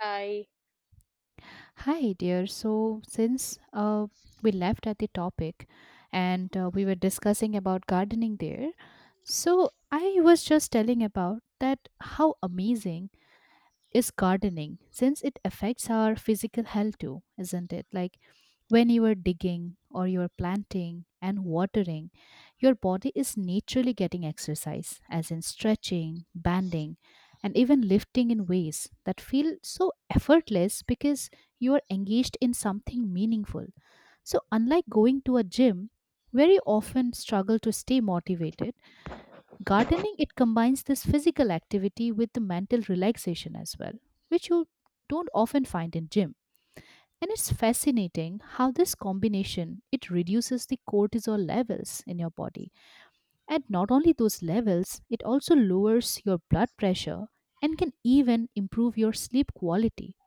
I Hi, dear. So, since we left at the topic and we were discussing about gardening there, so I was just telling about that how amazing is gardening since it affects our physical health too, isn't it? Like when you are digging or you're planting and watering, your body is naturally getting exercise, as in stretching, banding, and even lifting in ways that feel so effortless because you are engaged in something meaningful. So, unlike going to a gym, where you often struggle to stay motivated, gardening it combines this physical activity with the mental relaxation as well, which you don't often find in gym. And it's fascinating how this combination it reduces the cortisol levels in your body. And not only those levels, it also lowers your blood pressure and can even improve your sleep quality.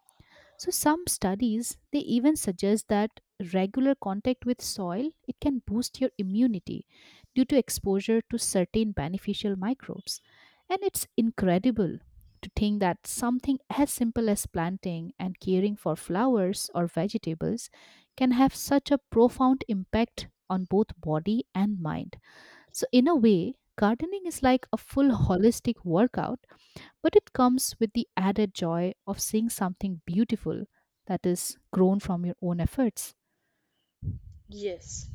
So some studies they even suggest that regular contact with soil it can boost your immunity due to exposure to certain beneficial microbes. And it's incredible to think that something as simple as planting and caring for flowers or vegetables can have such a profound impact on both body and mind. So in a way, gardening is like a full holistic workout but it comes with the added joy of seeing something beautiful that is grown from your own efforts. yes.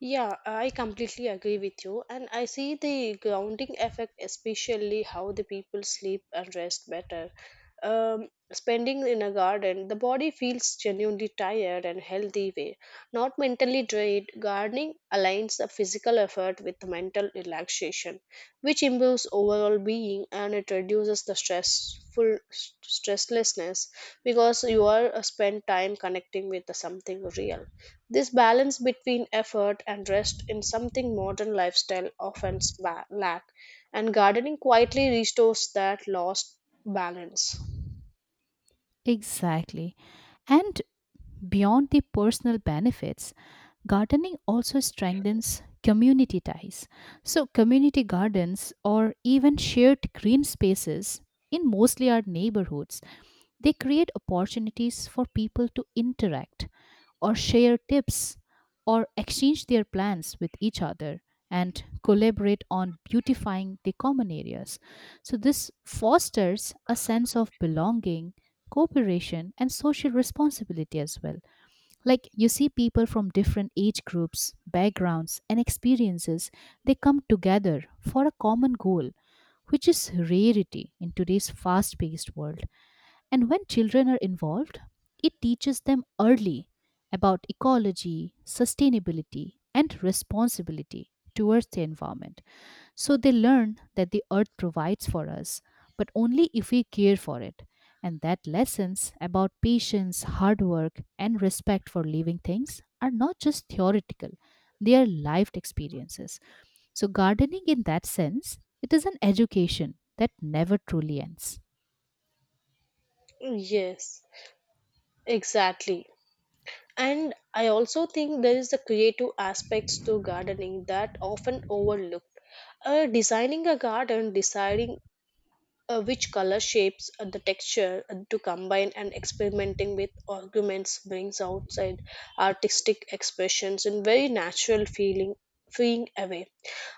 Yeah, I completely agree with you. And I see the grounding effect, especially how the people sleep and rest better. Spending in a garden, the body feels genuinely tired and healthy way, not mentally drained. Gardening aligns the physical effort with the mental relaxation, which improves overall being and it reduces the stresslessness because you are spend time connecting with the something real. This balance between effort and rest in something modern lifestyle often lack, and gardening quietly restores that lost balance. Exactly. And beyond the personal benefits, gardening also strengthens community ties. So, community gardens or even shared green spaces in mostly our neighborhoods, they create opportunities for people to interact or share tips or exchange their plans with each other and collaborate on beautifying the common areas. So, this fosters a sense of belonging, cooperation, and social responsibility as well. Like you see people from different age groups, backgrounds, and experiences, they come together for a common goal, which is rarity in today's fast paced world. And when children are involved, it teaches them early about ecology, sustainability, and responsibility towards the environment. So they learn that the earth provides for us, but only if we care for it. And that lessons about patience, hard work, and respect for living things are not just theoretical, they are lived experiences. So, gardening in that sense, it is an education that never truly ends. Yes, exactly. And I also think there is the creative aspects to gardening that often overlooked. Designing a garden, deciding which color shapes the texture to combine and experimenting with arguments brings outside artistic expressions in very natural feeling freeing away.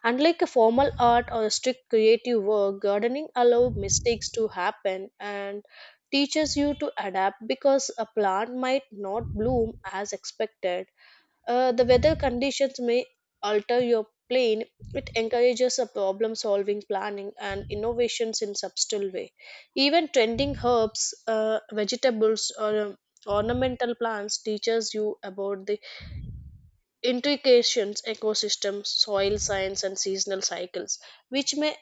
Unlike a formal art or a strict creative work, gardening allows mistakes to happen and teaches you to adapt because a plant might not bloom as expected. The weather conditions may alter your plane. It encourages a problem solving, planning, and innovations in subtle way. Even tending herbs, vegetables, or ornamental plants teaches you about the intrications, ecosystems, soil science, and seasonal cycles, which may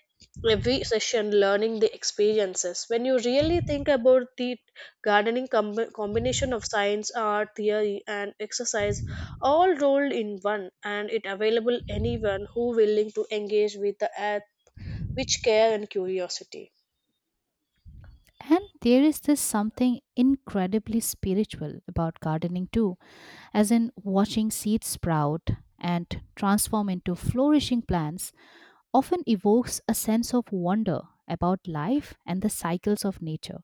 every session learning the experiences. When you really think about the combination of science, art, theory, and exercise, all rolled in one, and it available anyone who willing to engage with the earth with care and curiosity. And there is this something incredibly spiritual about gardening too, as in watching seeds sprout and transform into flourishing plants often evokes a sense of wonder about life and the cycles of nature.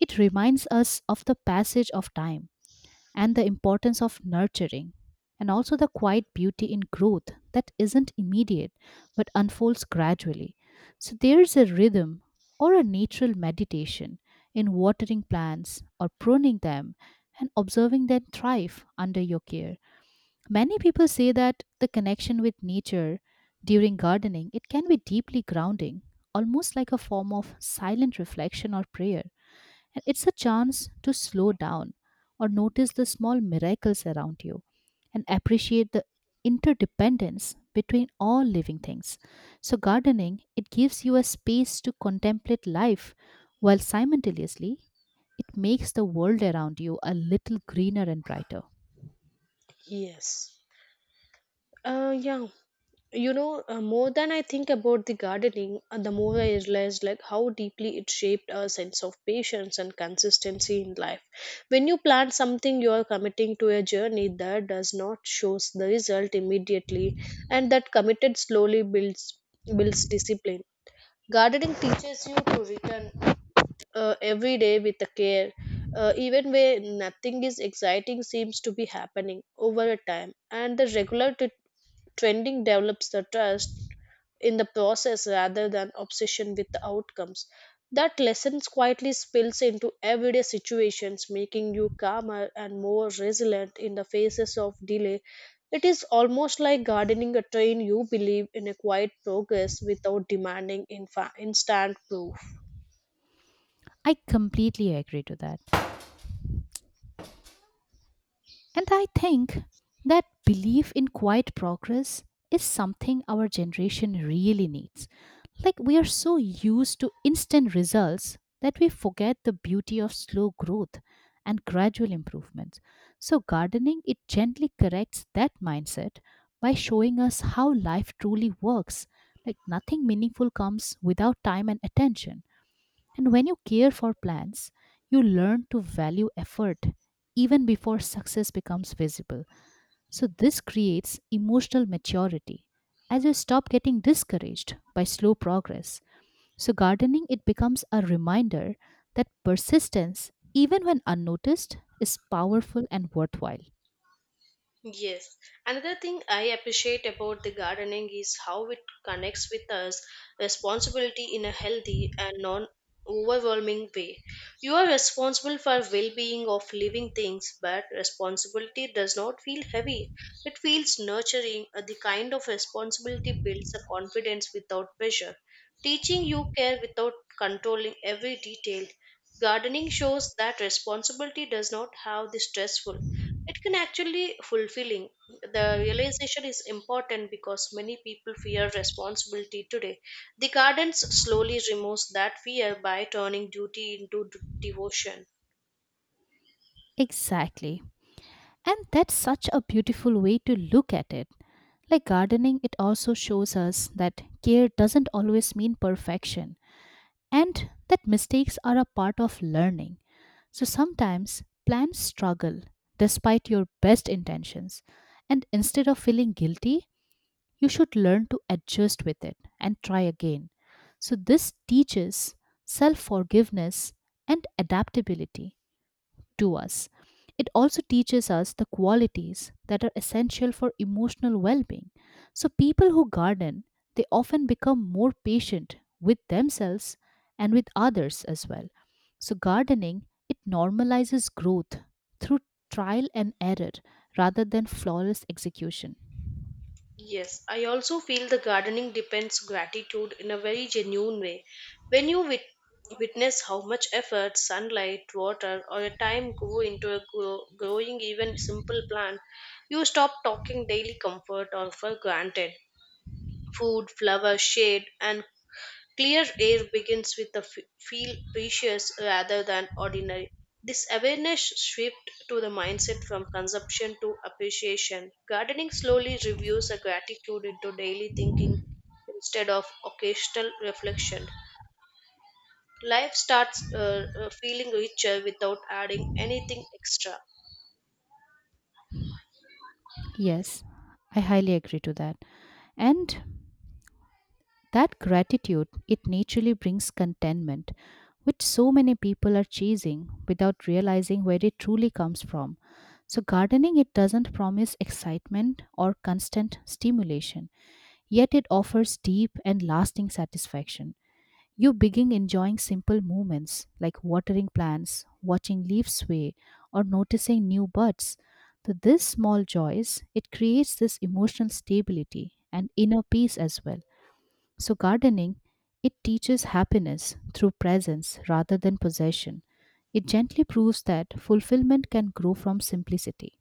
It reminds us of the passage of time and the importance of nurturing, and also the quiet beauty in growth that isn't immediate but unfolds gradually. So there's a rhythm or a natural meditation in watering plants or pruning them and observing them thrive under your care. Many people say that the connection with nature during gardening it can be deeply grounding, almost like a form of silent reflection or prayer. And it's a chance to slow down or notice the small miracles around you and appreciate the interdependence between all living things. So, gardening, it gives you a space to contemplate life while simultaneously it makes the world around you a little greener and brighter. Yes. Yeah. More than I think about the gardening, the more I realize like how deeply it shaped our sense of patience and consistency in life. When you plant something, you are committing to a journey that does not shows the result immediately, and that committed slowly builds discipline. Gardening teaches you to return every day with a care, even where nothing is exciting seems to be happening over a time. And the regular trending develops the trust in the process rather than obsession with the outcomes. That lesson quietly spills into everyday situations, making you calmer and more resilient in the faces of delay. It is almost like gardening a train you believe in a quiet progress without demanding instant proof. I completely agree to that. And I think that belief in quiet progress is something our generation really needs. Like, we are so used to instant results that we forget the beauty of slow growth and gradual improvements. So, gardening it gently corrects that mindset by showing us how life truly works. Like, nothing meaningful comes without time and attention. And when you care for plans, you learn to value effort even before success becomes visible. So, this creates emotional maturity as you stop getting discouraged by slow progress. So, gardening it becomes a reminder that persistence, even when unnoticed, is powerful and worthwhile. Yes. Another thing I appreciate about the gardening is how it connects with us responsibility in a healthy and non overwhelming way. You are responsible for well being of living things, but responsibility does not feel heavy. It feels nurturing. The kind of responsibility builds a confidence without pressure, teaching you care without controlling every detail. Gardening shows that responsibility does not have the stressful. It can actually fulfilling. The realization is important because many people fear responsibility today. The gardens slowly removes that fear by turning duty into devotion. Exactly. And that's such a beautiful way to look at it. Like gardening, it also shows us that care doesn't always mean perfection, and that mistakes are a part of learning. So sometimes plans struggle despite your best intentions, and instead of feeling guilty, you should learn to adjust with it and try again. So, this teaches self forgiveness and adaptability to us. It also teaches us the qualities that are essential for emotional well being. So, people who garden, they often become more patient with themselves and with others as well. So, gardening, it normalizes growth through trial and error rather than flawless execution. Yes, I also feel the gardening depends gratitude in a very genuine way. When you witness how much effort, sunlight, water, or a time go into a growing even simple plant, you stop talking daily comfort or for granted. Food, flower, shade, and clear air begins with the feel precious rather than ordinary. This awareness shift to the mindset from consumption to appreciation. Gardening slowly reviews a gratitude into daily thinking instead of occasional reflection. Life starts feeling richer without adding anything extra. Yes, I highly agree to that. And that gratitude, it naturally brings contentment, which so many people are chasing without realizing where it truly comes from. So, gardening, it doesn't promise excitement or constant stimulation, yet it offers deep and lasting satisfaction. You begin enjoying simple movements like watering plants, watching leaves sway, or noticing new buds. So, this small joys, it creates this emotional stability and inner peace as well. So, gardening, it teaches happiness through presence rather than possession. It gently proves that fulfillment can grow from simplicity.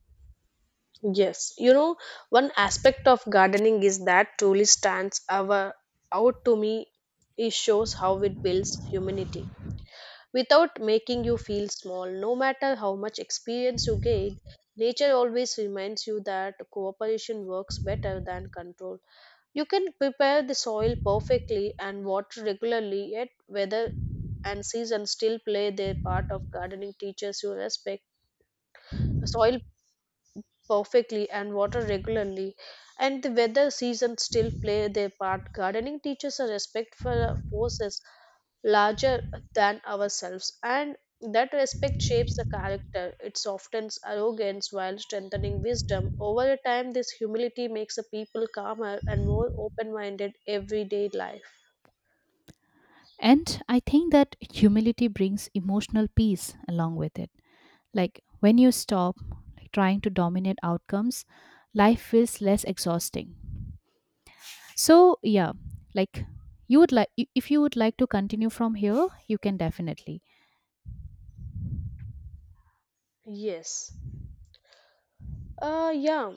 Yes, you know, one aspect of gardening is that truly out to me. It shows how it builds humanity without making you feel small. No matter how much experience you gain, nature always reminds you that cooperation works better than control. You can prepare the soil perfectly and water regularly, yet weather and season still play their part of gardening teaches you respect the soil perfectly and water regularly and the weather season still play their part. Gardening teaches a respect for forces larger than ourselves, and that respect shapes the character. It softens arrogance while strengthening wisdom. Over time, this humility makes a people calmer and more open minded everyday life. And I think that humility brings emotional peace along with it. Like when you stop trying to dominate outcomes, life feels less exhausting. So, yeah, like you would like if you would like to continue from here, you can definitely. Yes. Yeah.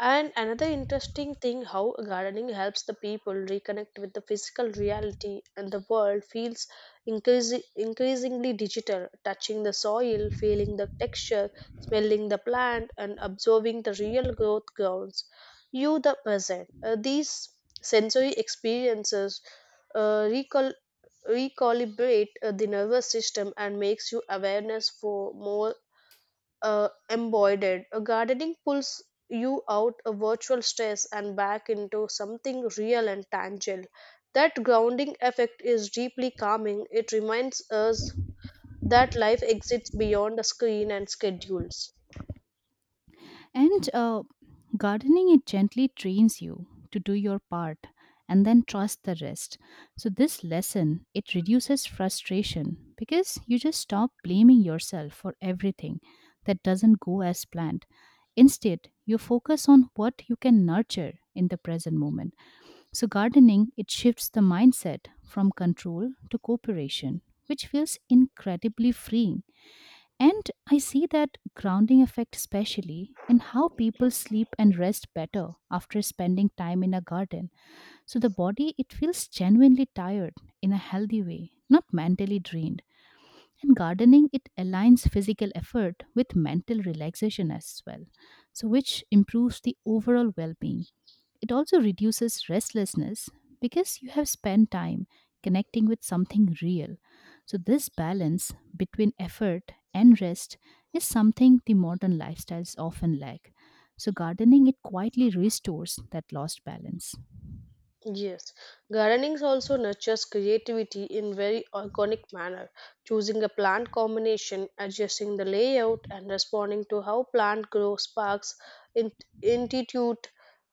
And another interesting thing how gardening helps the people reconnect with the physical reality and the world feels increasingly digital, touching the soil, feeling the texture, smelling the plant, and observing the real growth grounds. You, the present. These sensory experiences recall recalibrate the nervous system and makes you awareness for more embroidered. A gardening pulls you out of virtual stress and back into something real and tangible. That grounding effect is deeply calming. It reminds us that life exists beyond a screen and schedules. And gardening, it gently trains you to do your part and then trust the rest. So, this lesson, it reduces frustration because you just stop blaming yourself for everything that doesn't go as planned. Instead, you focus on what you can nurture in the present moment. So, gardening, it shifts the mindset from control to cooperation, which feels incredibly freeing. And I see that grounding effect especially in how people sleep and rest better after spending time in a garden. So the body it feels genuinely tired in a healthy way, not mentally drained. And gardening it aligns physical effort with mental relaxation as well. So which improves the overall well-being. It also reduces restlessness because you have spent time connecting with something real. So, this balance between effort and rest is something the modern lifestyles often lack. So, gardening it quietly restores that lost balance. Yes, gardening also nurtures creativity in very organic manner, choosing a plant combination, adjusting the layout, and responding to how plant grows sparks in- intuitive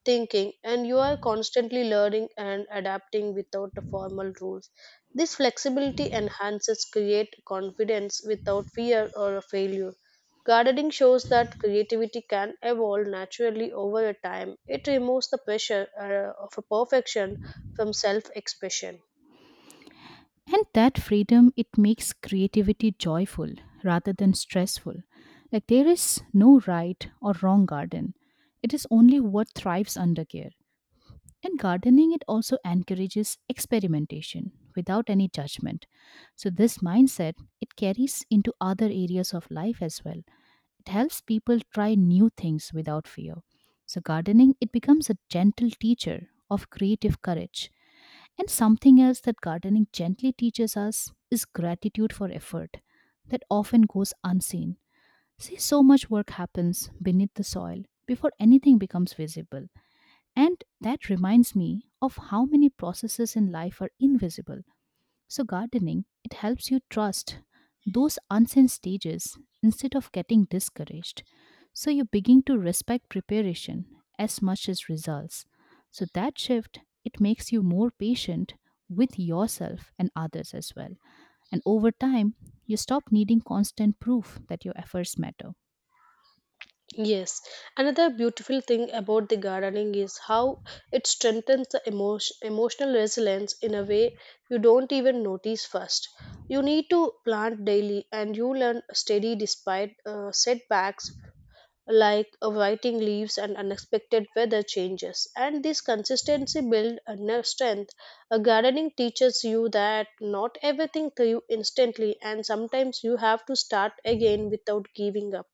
thinking, and you are constantly learning and adapting without the formal rules. This flexibility enhances create confidence without fear or a failure. Gardening shows that creativity can evolve naturally over a time. It removes the pressure of a perfection from self expression. And that freedom it makes creativity joyful rather than stressful. Like there is no right or wrong garden. It is only what thrives under care. And gardening, it also encourages experimentation without any judgment. So, this mindset, it carries into other areas of life as well. It helps people try new things without fear. So, gardening, it becomes a gentle teacher of creative courage. And something else that gardening gently teaches us is gratitude for effort that often goes unseen. See, so much work happens beneath the soil before anything becomes visible. And that reminds me of how many processes in life are invisible. So, gardening, it helps you trust those unseen stages instead of getting discouraged. So, you begin to respect preparation as much as results. So, that shift, it makes you more patient with yourself and others as well. And over time, you stop needing constant proof that your efforts matter. Yes, another beautiful thing about the gardening is how it strengthens the emotional resilience in a way you don't even notice first. You need to plant daily and you learn steady despite setbacks like writing leaves and unexpected weather changes. And this consistency builds a nerve strength. A gardening teaches you that not everything through instantly, and sometimes you have to start again without giving up.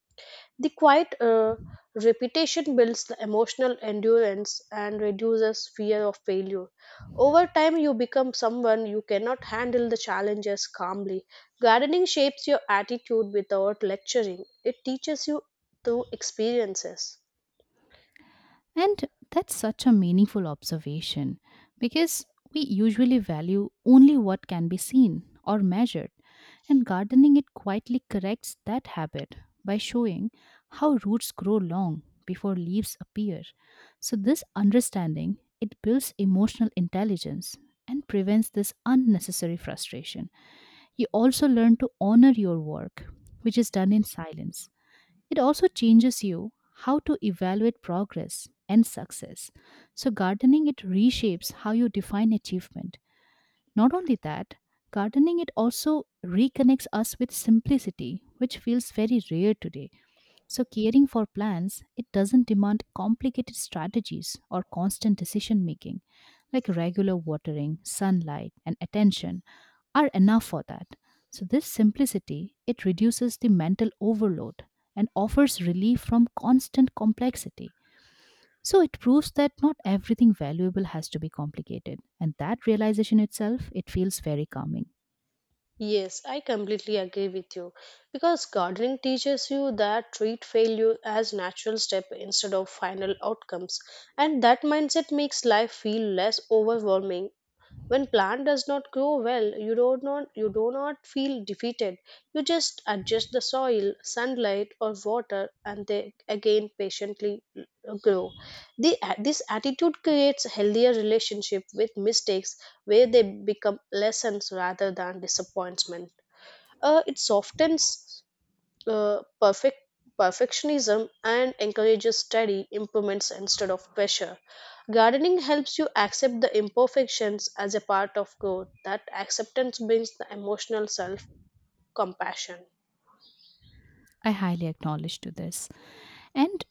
The quiet repetition builds the emotional endurance and reduces fear of failure. Over time, you become someone you cannot handle the challenges calmly. Gardening shapes your attitude without lecturing, it teaches you through experiences. And that's such a meaningful observation because we usually value only what can be seen or measured, and gardening it quietly corrects that habit by showing how roots grow long before leaves appear. So this understanding it builds emotional intelligence and prevents this unnecessary frustration. You also learn to honor your work, which is done in silence. It also changes you how to evaluate progress and success. So, gardening it reshapes how you define achievement. Not only that, gardening it also reconnects us with simplicity, which feels very rare today. So, caring for plants, it doesn't demand complicated strategies or constant decision making, like regular watering, sunlight, and attention are enough for that. So, this simplicity, it reduces the mental overload and offers relief from constant complexity. So, it proves that not everything valuable has to be complicated, and that realization itself, it feels very calming. Yes, I completely agree with you because gardening teaches you that treat failure as natural step instead of final outcomes, and that mindset makes life feel less overwhelming. When plant does not grow well, you don't not you do not feel defeated. You just adjust the soil sunlight or water and they again patiently grow. This attitude creates a healthier relationship with mistakes where they become lessons rather than disappointment. It softens uh, perfect perfectionism and encourages steady improvements instead of pressure. Gardening helps you accept the imperfections as a part of growth. That acceptance brings the emotional self compassion. I highly acknowledge to this. And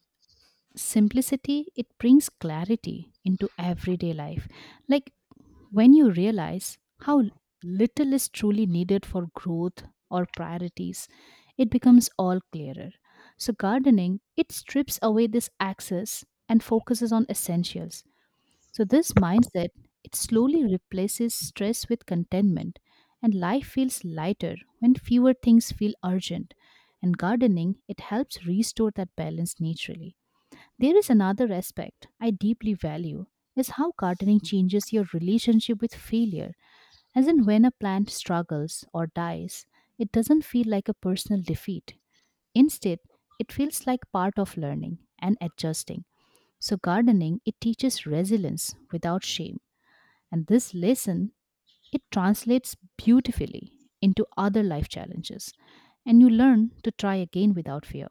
simplicity it brings clarity into everyday life, like when you realize how little is truly needed for growth or priorities, it becomes all clearer. So gardening it strips away this excess and focuses on essentials. So this mindset, it slowly replaces stress with contentment, and life feels lighter when fewer things feel urgent, and gardening it helps restore that balance naturally. There is another aspect I deeply value is how gardening changes your relationship with failure. As in when a plant struggles or dies, it doesn't feel like a personal defeat. Instead, it feels like part of learning and adjusting. So gardening, it teaches resilience without shame. And this lesson, it translates beautifully into other life challenges. And you learn to try again without fear.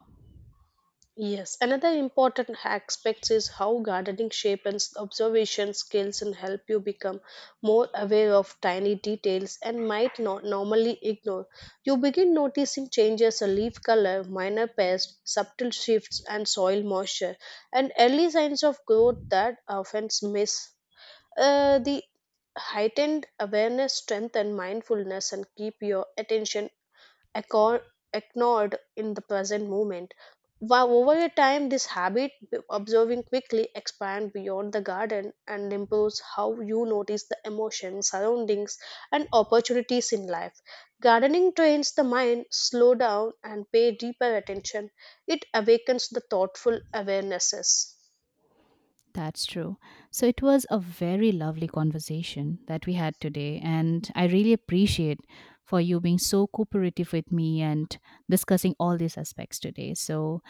Yes, another important aspect is how gardening shapes observation skills and help you become more aware of tiny details and might not normally ignore. You begin noticing changes in leaf color, minor pests, subtle shifts, and soil moisture, and early signs of growth that often miss. The heightened awareness, strength, and mindfulness, and keep your attention accord, ignored in the present moment. While over a time, this habit, observing quickly, expands beyond the garden and improves how you notice the emotions, surroundings, and opportunities in life. Gardening trains the mind slow down and pay deeper attention. It awakens the thoughtful awarenesses. That's true. So it was a very lovely conversation that we had today and I really appreciate for you being so cooperative with me and discussing all these aspects today. So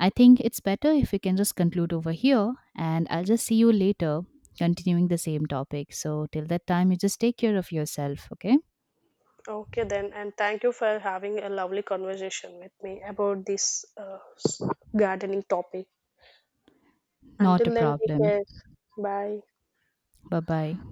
I think it's better if we can just conclude over here and I'll just see you later continuing the same topic. So till that time you just take care of yourself, okay? Okay, then, and thank you for having a lovely conversation with me about this gardening topic. Not a Until then, take problem. care. Bye. Bye-bye.